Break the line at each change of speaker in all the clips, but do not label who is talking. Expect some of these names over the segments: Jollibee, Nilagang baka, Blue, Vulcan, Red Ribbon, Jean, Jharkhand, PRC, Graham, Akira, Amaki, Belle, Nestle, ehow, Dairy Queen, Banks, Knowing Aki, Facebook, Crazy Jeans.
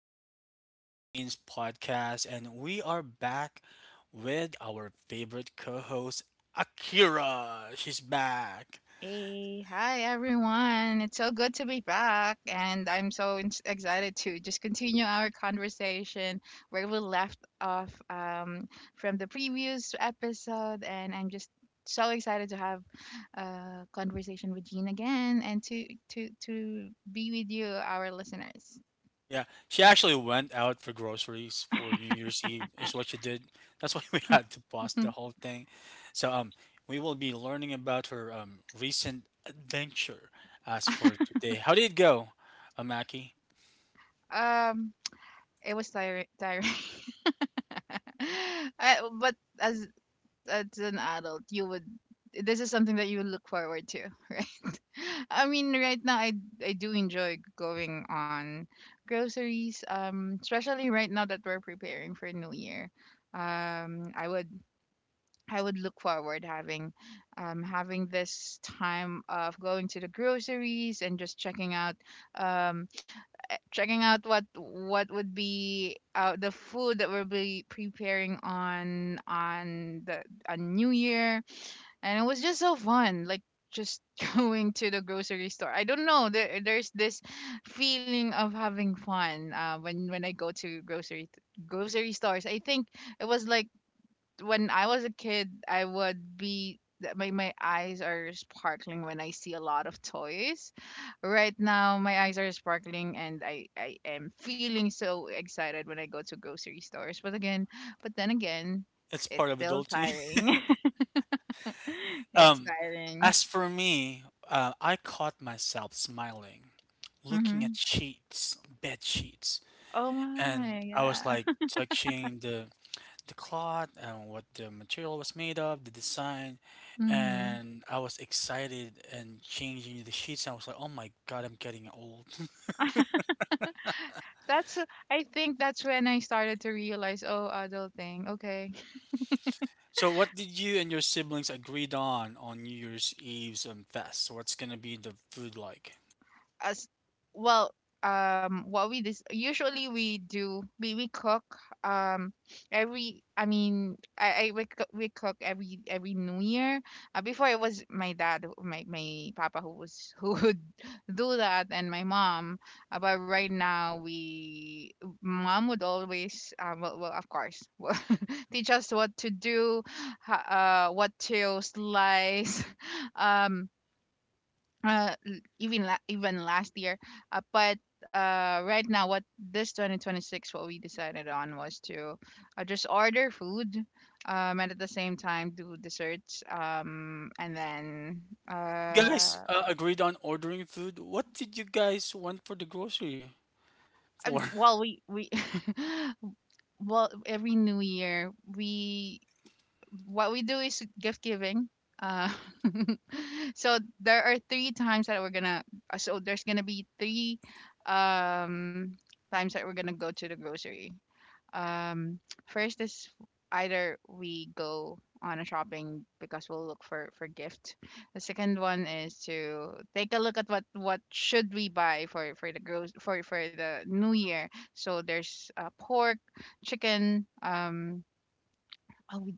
back to Crazy Jeans podcast. And we are back with our favorite co host, Akira. She's back.
Hey, hi everyone. It's so good to be back, and I'm so excited to just continue our conversation where we left off from the previous episode. And I'm just so excited to have a conversation with Jean again and to be with you, our listeners.
Yeah, she actually went out for groceries for New Year's Eve, is what she did. That's why we had to pause the whole thing. So we will be learning about her recent adventure as for today. How did it go, Amaki?
um, it was tiring, tiring. But as an adult you would this is something that you look forward to, right? I mean, right now I do enjoy going on groceries, especially right now that we're preparing for New Year. um i would I would look forward having having this time of going to the groceries and just um checking out what would be the food that we'll be preparing on the on New Year, and it was just so fun. Like, just going to the grocery store. I don't know. There's this feeling of having fun when I go to grocery stores. I think it was like when I was a kid, I would my eyes are sparkling when I see a lot of toys. Right now, my eyes are sparkling, and I am feeling so excited when I go to grocery stores. But again, but then again,
It's
it's
part of
still
adulting.
tiring. It's
Um,
tiring.
as for me, I caught myself smiling, looking
Mm-hmm.
at sheets, bed sheets,
Oh my,
and I was
yeah.
like touching the cloth and what the material was made of, the design,
Mm-hmm.
and I was excited and changing the sheets. And I was like, "Oh my God, I'm getting old."
That's I think that's when I started to realize, oh, adulting. Okay,
So, what did you and your siblings agreed on New Year's Eve's fest? What's gonna be the food like?
as well. What usually we cook um every I mean I we cook every new year. Before it was my papa who was who would do that, and my mom. But right now, we mom would always well, of course, teach us what to do, what to slice. um Even last year. But right now, what this 2026, what we decided on was to just order food, and at the same time do desserts, and then.
You guys
uh
agreed on ordering food. What did you guys want for the grocery for?
and, well, we well, every new year, we what we do is gift giving. Uh, so there are three times that we're gonna. So there's gonna be three um, times that we're gonna go to the grocery. Um, First is, either we go on a shopping because we'll look for gift. The second one is to take a look at what should we buy for the new year. So there's pork, chicken. Oh, we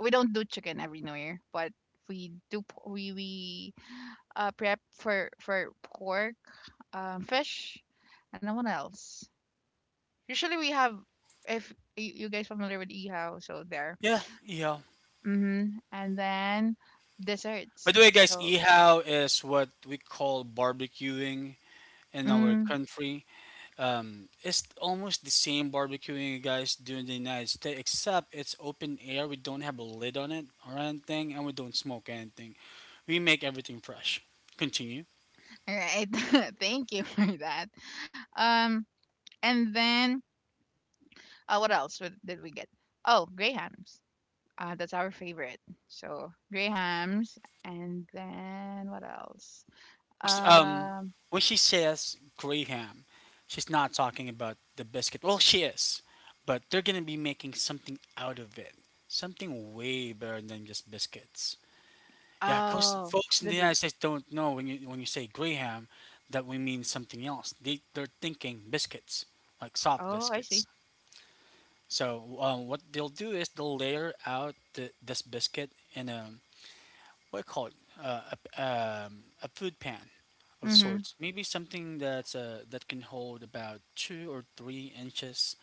we don't do chicken every New Year, but we do p- we prep for pork, fish, and then what else? Usually we have, if you guys familiar with ihaw, so there.
Yeah, ehow.
Mm-hmm. And then
By
desserts.
the way, guys,
So,
ehow is what we call barbecuing in our
mm,
country. It's almost the same barbecuing you guys do in the United States, except it's open air. We don't have a lid on it or anything, and we don't smoke anything. We make everything fresh. Continue.
all right. Thank you for that. Um, and then, what else did we get? Oh, grey hams. That's our favorite. So, grey hams, and then what else?
Folks,
Um.
when she says Graham, she's not talking about the biscuit. Well, she is, but they're gonna be making something out of it, something way better than just biscuits. Yeah, 'cause
Oh.
folks in the
The
United States don't know when you say Graham that we mean something else. They're thinking biscuits, like soft
Oh, I see.
biscuits. So what they'll do is they'll layer out this biscuit in a what I call it uh, a, a food pan of
Mhm.
sorts. Maybe something that's that can hold about 2 or 3 inches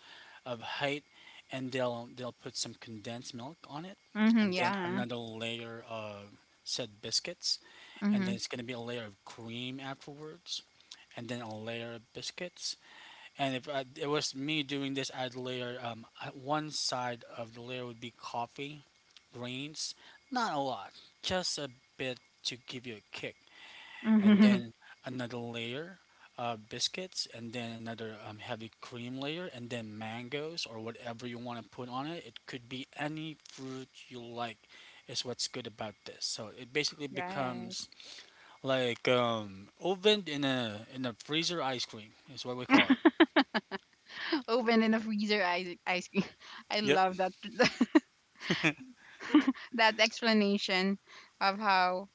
of height, and they'll put some condensed milk on it,
Mhm.
and then
Yeah.
another layer of said biscuits, and then
Mhm.
it's gonna be a layer of cream afterwards, and then a layer of biscuits, and if I, it was me doing this, I'd layer one side of the layer would be coffee, greens, not a lot, just a bit to give you a kick, and
Mhm.
then another layer of biscuits, and then another heavy cream layer, and then mangoes or whatever you want to put on it. It could be any fruit you like. Is what's good about this. So it basically
Right.
becomes like ovened in a freezer ice cream. Is what we call it.
Open in the freezer ice cream. I
Yep.
love that that explanation of how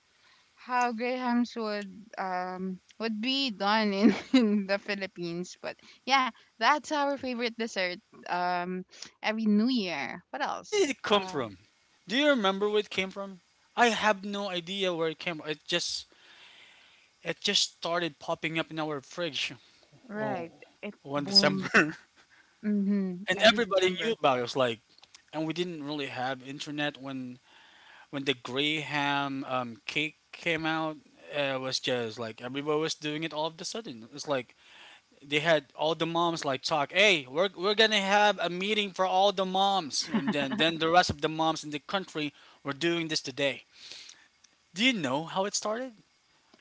how grahams would be done in, in the Philippines. But yeah, that's our favorite dessert. Um, every New Year. What
Where
else?
did it come from? Do you remember where it came from? I have no idea where it came from. It just started popping up in our fridge. Oh,
Right. It
one
boom.
December, and
Mhm. Every
everybody
December.
knew about it. It was like, and we didn't really have internet when the Graham cake came out. It was just like everybody was doing it all of a sudden. It's like they had all the moms like talk. Hey, we're gonna have a meeting for all the moms, and then the rest of the moms in the country were doing this today. Do you know how it started?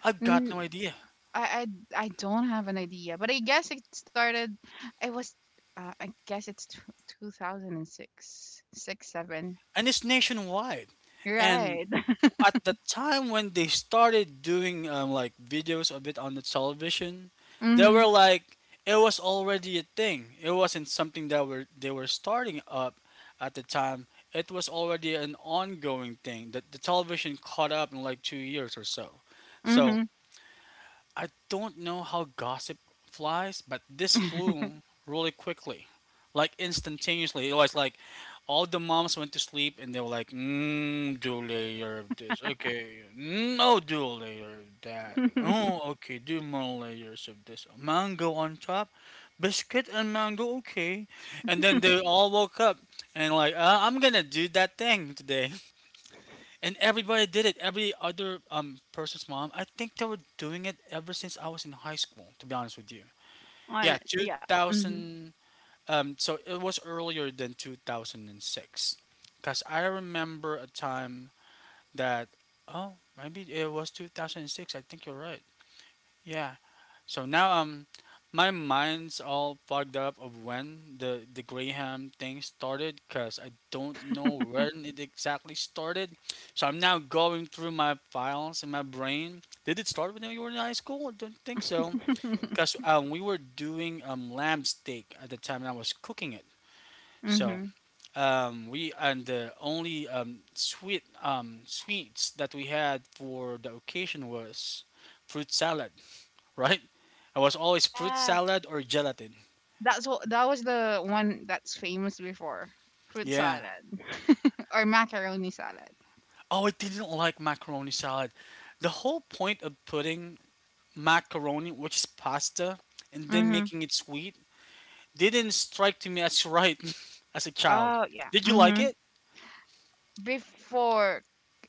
I've
Mm-hmm.
got no idea.
I I don't have an idea, but I guess it started. I was, I guess 2006, six, seven.
And it's nationwide. And
Right.
at the time when they started doing like videos of it on the television, they were
Mhm.
like it was already a thing. It wasn't something that were they were starting up at the time. It was already an ongoing thing that the television caught up in like 2 years or so. So
Mhm.
I don't know how gossip flies, but this flew really quickly, like instantaneously. It was like all the moms went to sleep and they were like, mm, do layer of this. Okay, no, do a layer of that. Oh, okay, do more layers of this. Mango on top, biscuit and mango, okay. And then they all woke up and like, I'm gonna do that thing today and everybody did it. Every other person's mom. I think they were doing it ever since I was in high school. To be honest with you,
On
yeah,
it.
two
Yeah. Mhm.
thousand. So it was earlier than 2006, because I remember a time that oh maybe it was 2006. I think you're right. Yeah, so now, my mind's all fogged up of when the Graham thing started cuz I don't know when it exactly started. So I'm now going through my files in my brain. Did it start when you were in high school? I don't think so. Cuz we were doing lamb steak at the time and I was cooking it. So
Mhm.
we and the only sweets that we had for the occasion was fruit salad right? I was always fruit
Yeah.
salad or gelatin.
That was the one that's famous before, fruit
Yeah.
salad or macaroni salad.
Oh, I didn't like macaroni salad. The whole point of putting macaroni, which is pasta, and then
Mhm.
making it sweet, didn't strike to me as right as a child.
Oh yeah.
Did you like
Mhm.
it?
Before,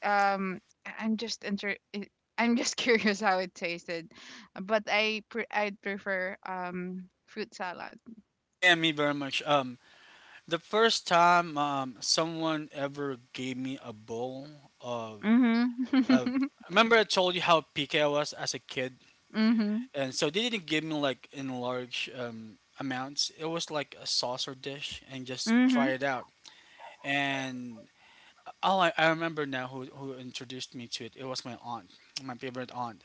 um am just inter I- I'm just curious how it tasted, but I would prefer fruit salad.
Oh yeah, me very much. The first time someone ever gave me a bowl of,
Mhm.
of remember I told you how picky I was as a kid
Mhm.
and so they didn't give me like in large amounts. It was like a saucer dish, and just
Mhm.
try it out. And I remember now who introduced me to it. It was my aunt, my favorite aunt,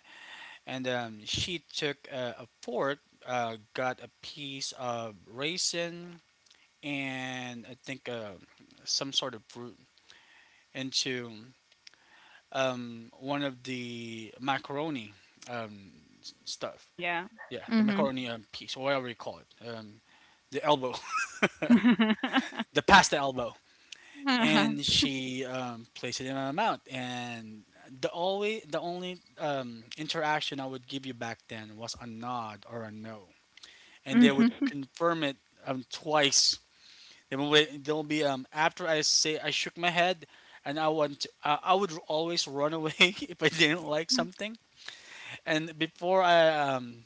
and she took a fork, got a piece of raisin, and I think some sort of fruit into one of the macaroni um, stuff.
Yeah.
Yeah, the
Mhm.
macaroni piece, or whatever you call it. The elbow, the pasta elbow, and she placed it in my mouth. And the only interaction I would give you back then was a nod or a no, and they would
Mhm.
confirm it twice. They'll be after I say I shook my head. And I would always run away if I didn't like something. And before I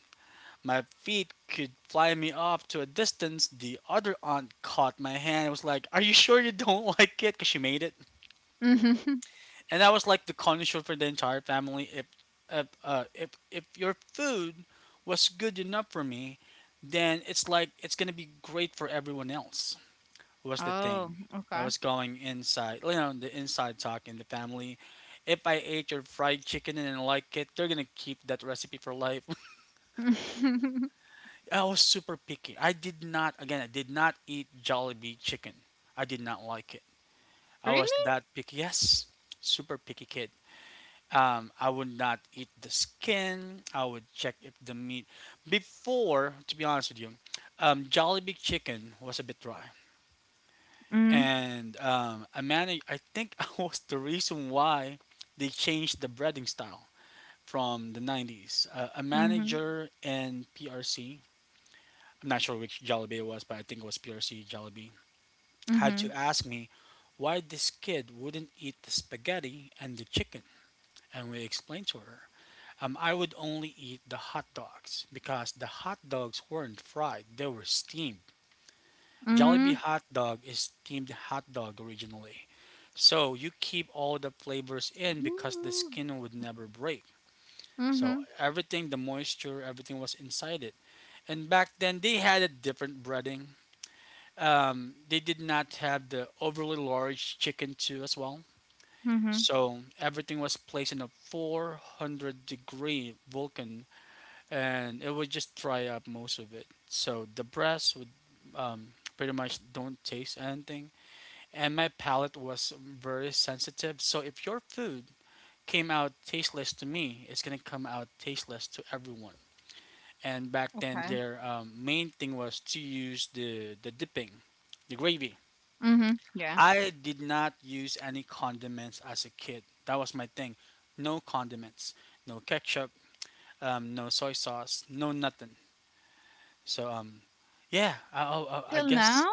My feet could fly me off to a distance. The other aunt caught my hand and was like, Are you sure you don't like it? Because she made it.
Mhm.
And that was like the condition for the entire family. If your food was good enough for me, then it's like it's going to be great for everyone else, was the thing
Oh.
that
Okay.
was going inside, you know, the inside talk in the family. If I ate your fried chicken and I like it, they're going to keep that recipe for life. I was super picky. I did not, again, I did not eat Jollibee chicken. I did not like it. I was
Really?
that picky. Yes, super picky kid. I would not eat the skin. I would check if the meat. Before, to be honest with you, Jollibee chicken was a bit dry,
Mhm.
and I managed. I think I was the reason why they changed the breading style from the 90s. A
Mhm.
manager in PRC I'm not sure which Jollibee it was, but I think it was PRC Jollibee, had to
Mhm.
ask me why this kid wouldn't eat the spaghetti and the chicken. And we explained to her, I would only eat the hot dogs because the hot dogs weren't fried, they were steamed. Jollibee
Mhm.
hot dog is steamed hot dog originally. So you keep all the flavors in because the skin would never break. So
Mhm.
everything, the moisture, everything was inside it. And back then they had a different breading. They did not have the overly large chicken too as well.
Mhm.
So everything was placed in a 400-degree Vulcan and it would just dry up most of it. So the breast would pretty much don't taste anything. And my palate was very sensitive. So if your food came out tasteless to me, it's going to come out tasteless to everyone. And back then,
Okay.
their main thing was to use the dipping, the gravy.
Mhm. Yeah.
I did not use any condiments as a kid. That was my thing. No condiments, no ketchup, no soy sauce, no nothing. So yeah, I
Until
guess
now.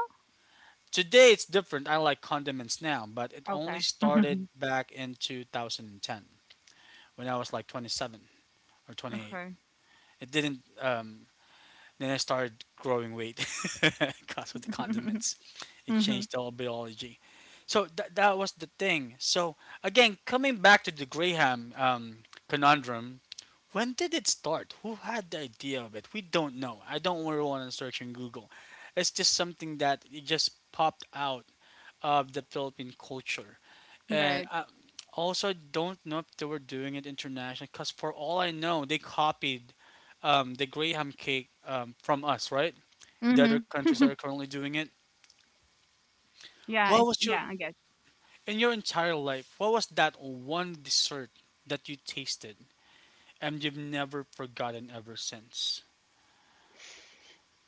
today it's different. I like condiments now, but it only
Okay.
started back in 2010 when I was like 27 or 28.
Okay.
It didn't Then I started growing weight because of the condiments. It
Mhm.
changed the whole biology. So that was the thing. So again, coming back to the Graham conundrum, when did it start? Who had the idea of it? We don't know. I don't really want to search in Google. It's just something that it just popped out of the Philippine culture. And
Right.
I also I don't know if they were doing it internationally because, for all I know, they copied the Graham cake from us, right? The other
Mhm.
countries that are currently doing it.
Yeah.
What was your,
Yeah. I guess.
in your entire life, what was that one dessert that you tasted and you've never forgotten ever since?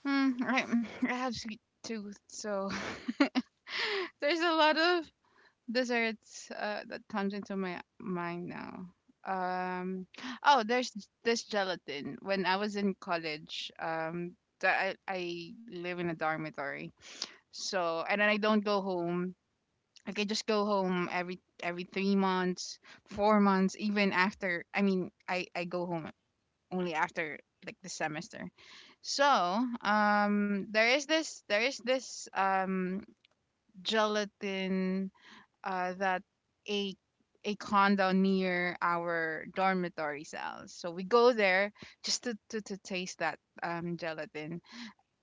Mm, right. I have sweet tooth, so there's a lot of desserts that comes into my mind now. Um. Oh, there's this gelatin. When I was in college, that I live in a dormitory, so and then I don't go home. Like, I just go home every 3 months, 4 months, even after. I mean, I go home only after, like, the semester. So, there is this gelatin that a a condo near our dormitory cells. So we go there just to taste that gelatin.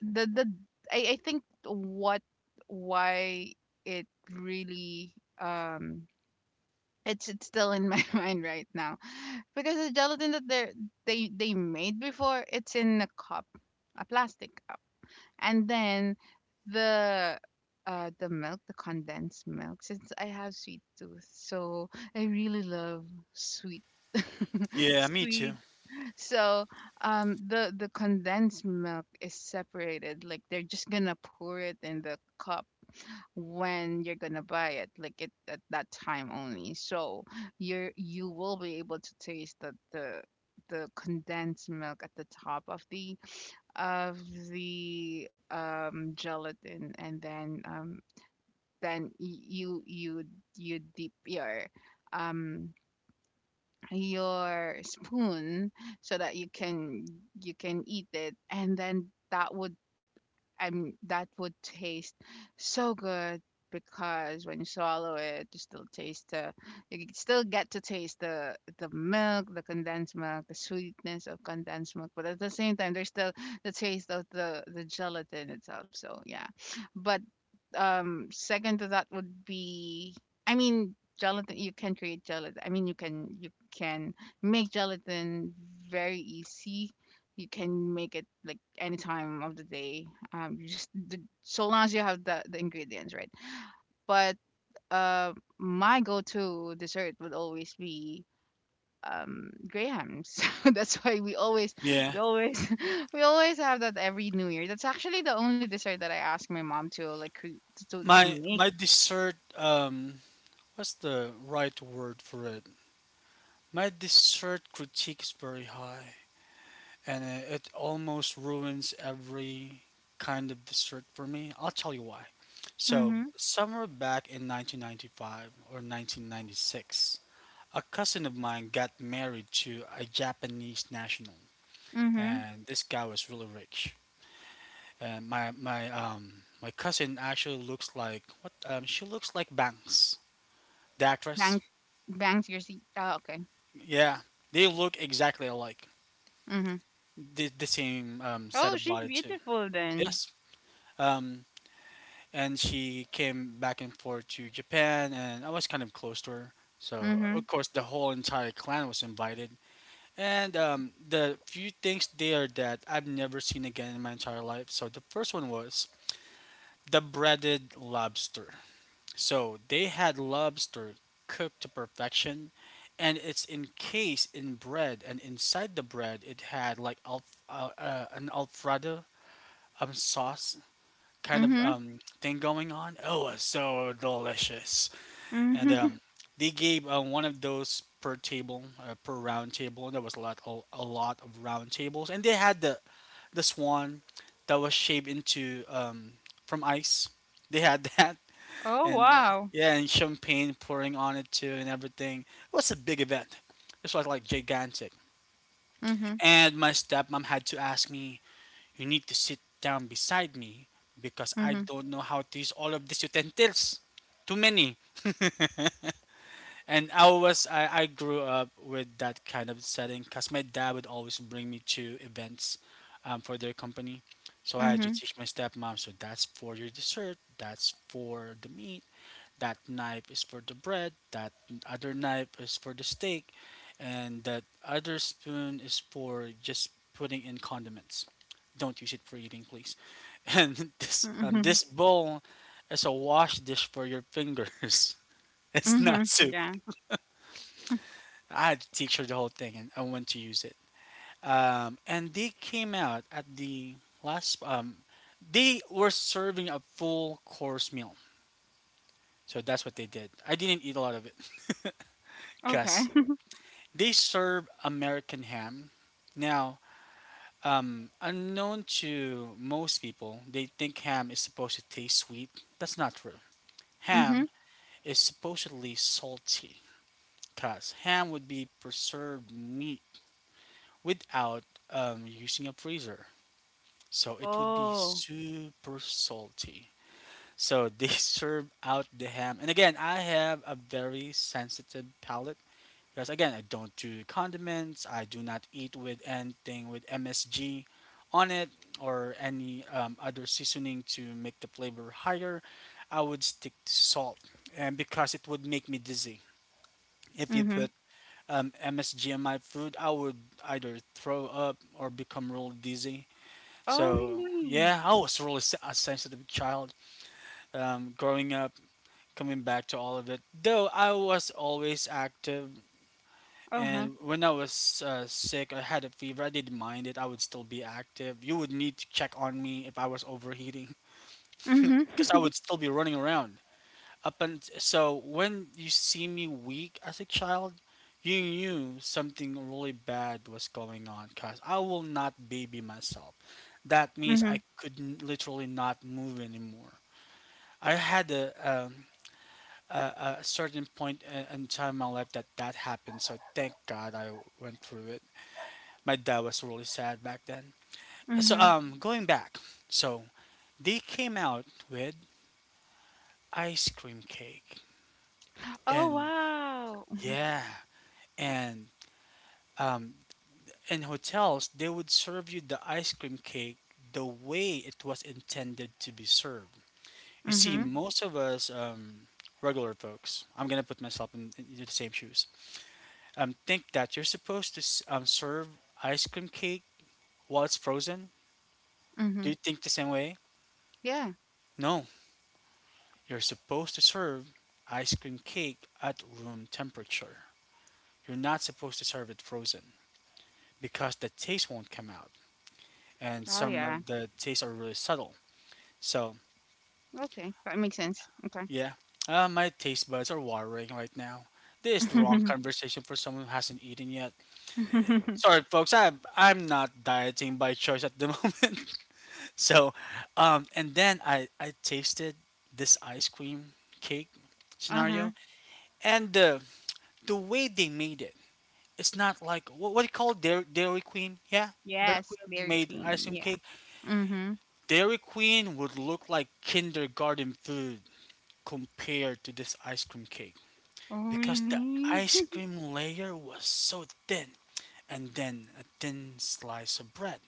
The I think what why it really um it's still in my mind right now, because the gelatin that they made before, it's in a cup, a plastic cup, and then the the milk, the condensed milk. Since I have sweet tooth, so I really love sweet.
Yeah, me too.
Sweet. So, the condensed milk is separated, like they're just gonna pour it in the cup when you're gonna buy it, like it at that time only. So you will be able to taste the the condensed milk at the top of the gelatin, and then you dip your um your spoon so that you can eat it, and then that would taste so good. Because when you swallow it, you still taste the you still get to taste the milk, the condensed milk, the sweetness of condensed milk, but at the same time, there's still the taste of the gelatin itself. So yeah, but second to that would be, I mean, gelatin, you can create gelatin. I mean, you can make gelatin very easy. You can make it like any time of the day, so long as you have the ingredients, right? But uh my go-to dessert would always be grahams. That's why we always
Yeah.
we always we always have that every new year. That's actually the only dessert that I ask my mom to like, to
My
make.
my dessert what's the right word for it? My dessert critique is very high, and it almost ruins every kind of dessert for me. I'll tell you why. So,
Mhm.
somewhere back in 1995 or 1996, a cousin of mine got married to a Japanese national,
Mhm.
and this guy was really rich. And my cousin actually looks like what she looks like Banks, the actress.
Bangs bangs, your seat. Ah, okay.
Yeah, they look exactly alike.
Mhm.
The same set
Oh,
of
she's
body too.
beautiful then.
Yes. Um, and she came back and forth to Japan, and I was kind of close to her. So
Mhm.
of course the whole entire clan was invited, and the few things there that I've never seen again in my entire life. So the first one was the breaded lobster. So they had lobster cooked to perfection, and it's encased in bread, and inside the bread it had like an alfredo sauce kind of
Mhm.
thing going on. Oh, it's so delicious. And
Mhm.
they gave one of those per table, per round table. There was a lot, a lot of round tables, and they had the swan that was shaped into from ice. They had that,
Oh,
and
wow.
yeah, and champagne pouring on it too, and everything. It was a big event. This was like gigantic.
Mhm.
And my stepmom had to ask me, you need to sit down beside me because I
Mhm.
don't know how to use all of these utensils. Too many. and I grew up with that kind of setting because my dad would always bring me to events for their company. So I had to
Mhm.
teach my stepmom. So that's for your dessert. That's for the meat, that knife is for the bread, that other knife is for the steak, and that other spoon is for just putting in condiments. Don't use it for eating, please. And this
Mhm.
this bowl is a wash dish for your fingers. It's not
Mhm.
soup.
Yeah.
I had to teach her the whole thing, and I went to use it. And they came out at the last. They were serving a full course meal, so that's what they did. I didn't eat a lot of it,
Okay.
cause they serve American ham. Now, unknown to most people, they think ham is supposed to taste sweet. That's not true.
Mhm.
Ham is supposedly salty because ham would be preserved meat without using a freezer. So it would be
Oh.
super salty. So they serve out the ham. And again, I have a very sensitive palate. Because again, I don't do condiments. I do not eat with anything with MSG on it or any other seasoning to make the flavor higher. I would stick to salt, and because it would make me dizzy if you put
Mhm.
MSG in my food, I would either throw up or become really dizzy.
Oh,
So
really?
yeah, I was really se- a sensitive child growing up. Coming back to all of it, though I was always active.
Uh-huh.
And when I was sick, I had a fever. I didn't mind it. I would still be active. You would need to check on me if I was overheating,
Mhm.
because I would still be running around. Up and so when you see me weak as a child, you knew something really bad was going on. Cause I will not baby myself. That means
Mhm.
literally not move anymore. I had a certain point in time in my life that that happened. So thank God I went through it. My dad was really sad back then. So
Mhm.
going back, so they came out with ice cream cake,
Oh,
and
wow.
yeah, and um, in hotels they would serve you the ice cream cake the way it was intended to be served. You see,
Mhm.
most of us regular folks, I'm gonna put myself in the same shoes. Think that you're supposed to serve ice cream cake while it's frozen. Do
Mhm.
you think the same way?
Yeah.
No, you're supposed to serve ice cream cake at room temperature. You're not supposed to serve it frozen because the taste won't come out, and
Oh,
some
yeah.
of the tastes are really subtle. So
Okay, that makes sense. Okay.
yeah, my taste buds are watering right now. This is the wrong conversation for someone who hasn't eaten yet. Sorry, folks. I'm not dieting by choice at the moment. So, and then I tasted this ice cream cake
Uh-huh.
scenario and the way they made it, it's not like what do you call it? Dairy, Dairy Queen? Yeah, Dairy
Yes,
Queen
Dairy
made
Queen.
ice cream
Yeah.
cake.
Mhm.
Dairy Queen would look like kindergarten food compared to this ice cream cake
Oh,
because the
really?
ice cream layer was so thin, and then a thin slice of bread,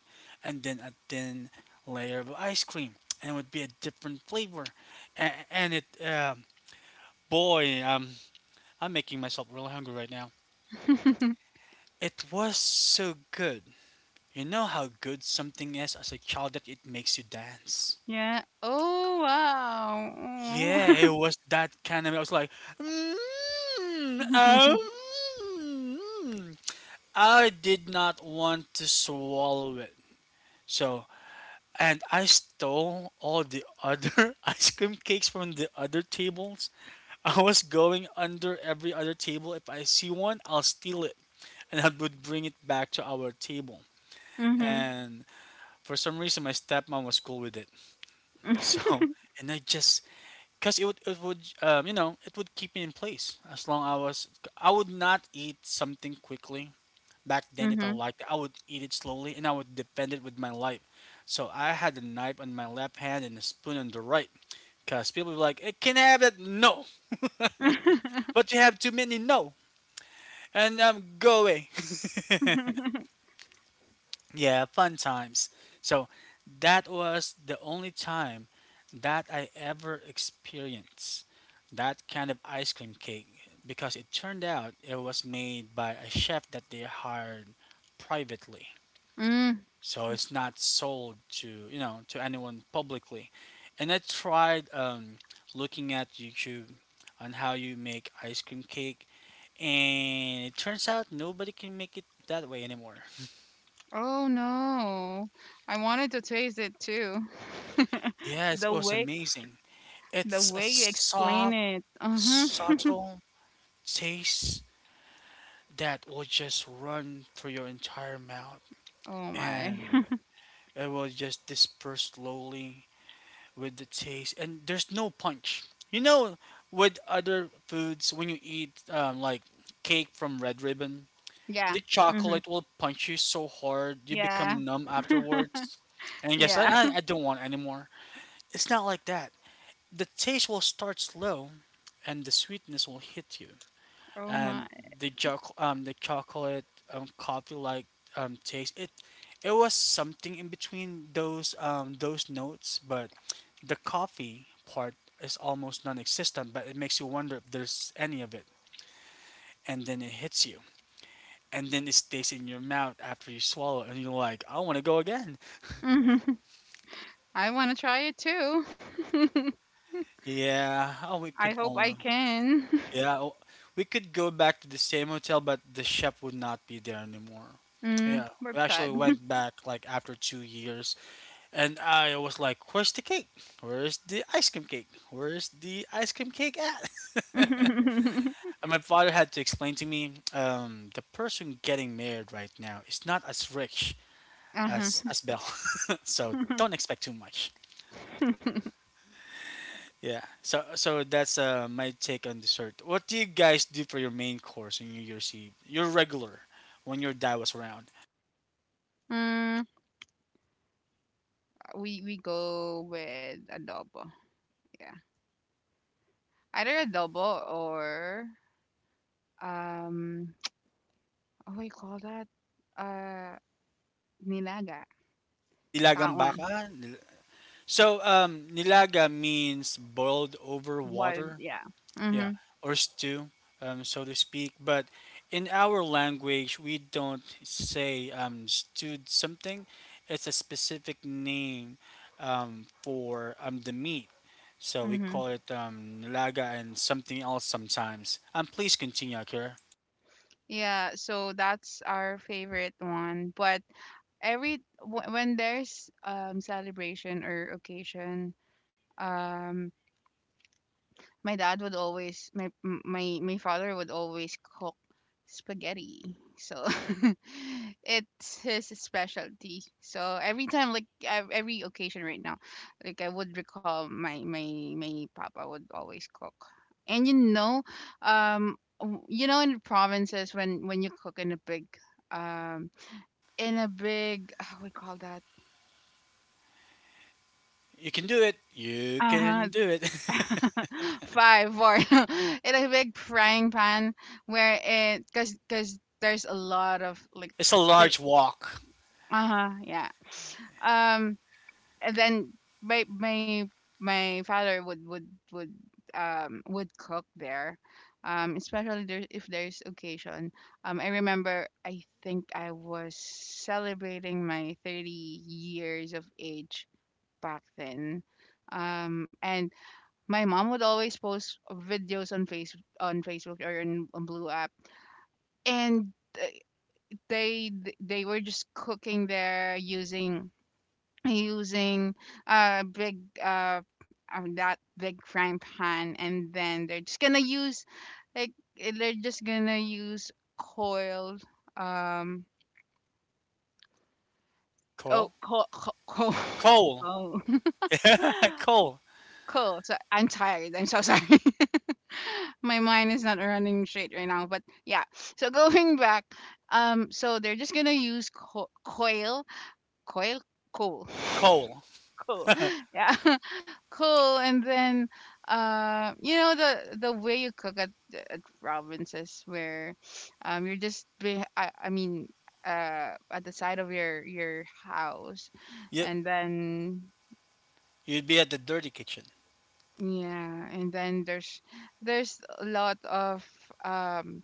and then a thin layer of ice cream, and it would be a different flavor. And, boy, um, I'm making myself really hungry right now. It was so good. You know how good something is as a child that it makes you dance?
Yeah. Oh,
Yeah, it
wow.
was that kind of. I was like, mm,
Oh.
um, mm." I did not want to swallow it. So, and I stole all the other ice cream cakes from the other tables. I was going under every other table. If I see one, I'll steal it and I would bring it back to our table.
Mhm.
And for some reason, my stepmom was cool with it. So, and I just because it would you know it would keep me in place as long I was. I would not eat something quickly back then. If I
Mhm.
liked it, I would eat it slowly and I would defend it with my life. So I had a knife on my left hand and a spoon on the right because people were like, hey, "Can I have that?" No, but you have too many. No, and go away. Yeah, fun times. So that was the only time that I ever experienced that kind of ice cream cake because it turned out it was made by a chef that they hired privately.
Mm.
So it's not sold to, you know, to anyone publicly. And I tried looking at YouTube on how you make ice cream cake and it turns out nobody can make it that way anymore.
Oh, no. I wanted to taste it too. The
Yes, it was
way
amazing.
the
It's a
way you explain
soft,
it. Uh-huh.
subtle taste that will just run through your entire mouth
Oh my.
and it will just disperse slowly with the taste. And there's no punch. You know, with other foods, when you eat like cake from Red Ribbon, the
Yeah. Mhm.
chocolate will punch you so hard you
Yeah.
become numb afterwards. And yes,
Yeah.
I don't want anymore. It's not like that. The taste will start slow and the sweetness will hit you.
Oh my.
And the chocolate coffee like taste, it was something in between those notes, but the coffee part is almost non-existent, but it makes you wonder if there's any of it, and then it hits you, and then it stays in your mouth after you swallow and you're like, I want to go again.
Mhm. I want to try it too.
Yeah, oh, we
I
could
hope I
only,
can.
yeah, oh, we could go back to the same hotel but the chef would not be there anymore.
Mm,
Yeah,
we're
we actually
sad.
went back like after 2 years, and I was like, Where's the cake? Where's the ice cream cake? Where's the ice cream cake at? And my father had to explain to me the person getting married right now is not as rich
Uh-huh.
as Belle. so don't expect too much. Yeah. So so that's my take on dessert. What do you guys do for your main course in New Year's Eve? Your regular when your dad was around.
mm, we go with adobo. Yeah. Either adobo or um what do you call that? Uh Nilaga. That
Nilagang
one.
baka. nil- So nilaga means boiled over
Boiled,
water,
yeah.
yeah,
Mhm.
or stew, so to speak. But in our language, we don't say stewed something. It's a specific name for the meat. So we
Mhm.
call it nilaga and something else sometimes. Please continue, Akira.
Yeah, so that's our favorite one, but every when there's celebration or occasion, um My dad would always my m- my father would always cook spaghetti. So it's his specialty. So every time, like, every occasion right now, like, I would recall my papa would always cook. And um in the provinces, when you cook in a big, um in a big, how we call that,
You can do it. You
uh-huh.
can do it.
Five, four. It's a big frying pan where cause there's a lot of like,
it's a large wok.
uh huh, yeah. Um, and then my my my father would cook there, especially there if there's occasion. I remember, I think I was celebrating my 30 years of age back then, and my mom would always post videos on face on Facebook, or on Blue app, and uh, they they were just cooking there using a big that big frying pan, and then they're just gonna use, like, they're just gonna use coil, um oh
Coal?
coal.
Coal.
Coal. Oh.
coal.
Coal. So I'm tired. I'm so sorry. My mind is not running straight right now, but yeah. So going back, so they're just gonna use co- coil coil coal.
Coal.
Coal. Yeah. Coal. And then the way you cook at provinces, where I mean, at the side of your house,
You
and then
You'd be at the dirty kitchen.
yeah. And then there's a lot of um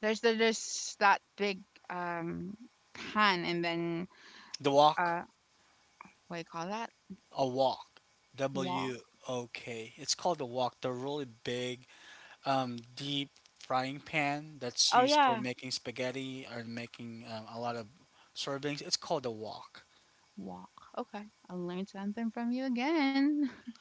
There's that big um pan, and then
The wok.
uh what do you call that?
A walk, w
Wok.
o k, it's called a wok. They're really big deep frying pan that's
Oh
used for
yeah.
making spaghetti or making a lot of servings. It's called a wok.
Okay, I learned something from you again.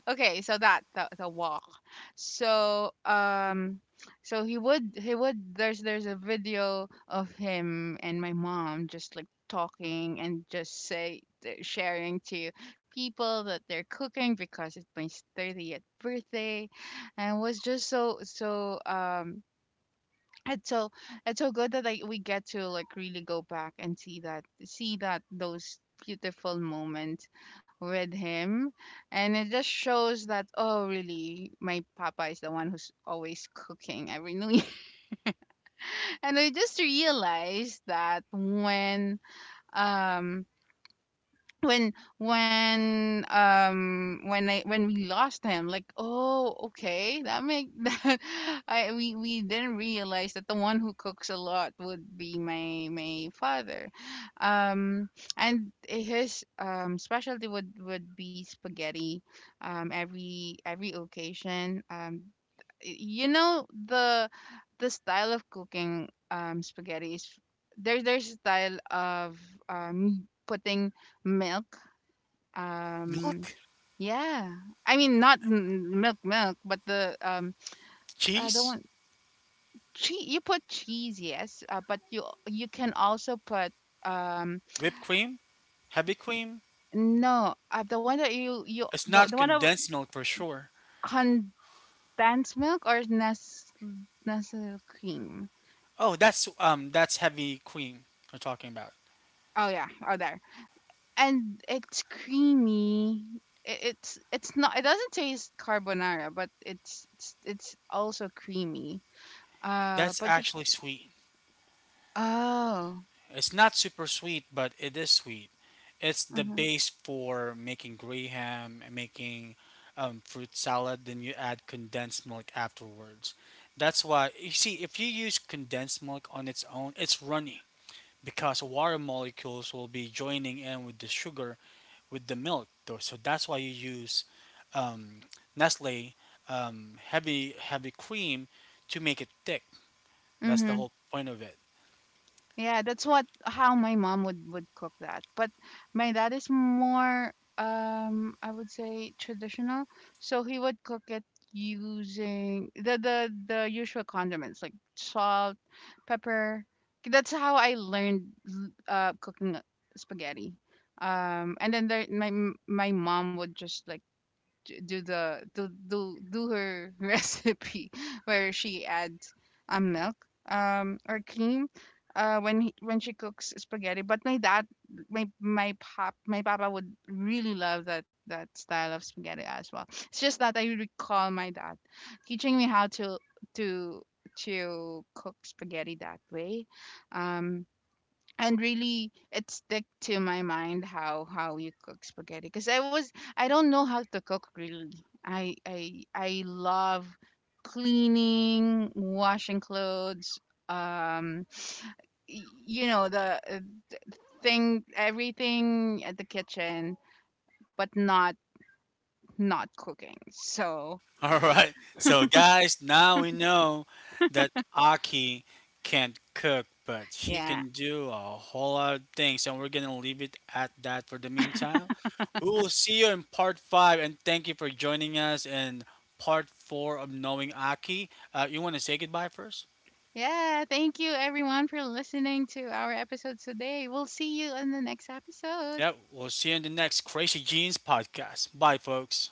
Okay, so that, the walk. So so he would there's a video of him and my mom just like talking, and just say they're sharing to people that they're cooking because it's my 30th birthday. And it was just so so it's so it's so good that, like, we get to like really go back and see that those beautiful moments with him. And it just shows that, oh really, my papa is the one who's always cooking every new year. And I just realized that um when when we lost him, like, oh okay, that make that I we didn't realize that the one who cooks a lot would be my father, um and his specialty would be spaghetti, every occasion. The style of cooking, spaghetti, is there's a style of putting milk. Um,
Milk.
yeah. I mean, not milk, milk, but the, I don't
Cheese.
want cheese. You put cheese, yes, but you can also put, um,
Whipped cream. Heavy cream.
no, the one that you
It's
the
not
one of
condensed milk for sure.
condensed milk, or Nestle cream.
Oh, that's heavy cream we're talking about.
Oh yeah, oh, there, and it's creamy. It's not. It doesn't taste carbonara, but it's also creamy.
That's
But you
actually sweet.
Oh.
It's not super sweet, but it is sweet. It's the
Mhm.
base for making graham and making fruit salad. Then you add condensed milk afterwards. That's why you see if you use condensed milk on its own, it's runny because water molecules will be joining in with the sugar with the milk. Though, so that's why you use um, Nestle heavy cream to make it thick. That's the
Mhm.
whole point of it.
Yeah, that's what how my mom would cook that. But my dad is more, I would say, traditional, so he would cook it using the usual condiments, like salt, pepper. That's how I learned cooking spaghetti. And then my my mom would just like, j- do the do do do her recipe, where she adds milk, or cream, when she cooks spaghetti. But my dad my my pop my papa would really love that style of spaghetti as well. It's just that I recall my dad teaching me how to to cook spaghetti that way. um and really, it stick to my mind how you cook spaghetti, because I don't know how to cook really. I love cleaning, washing clothes, um the, thing everything at the kitchen, but not not cooking, so.
All right. So, guys, now we know that Aki can't cook, but she
Yeah,
can do a whole lot of things. And we're going to leave it at that for the meantime. We will see you in part five. And thank you for joining us in part four of Knowing Aki. You want to say goodbye first?
yeah, thank you everyone for listening to our episode today. We'll see you in the next episode.
Yep. We'll see you in the next Crazy Jeans podcast. Bye, folks.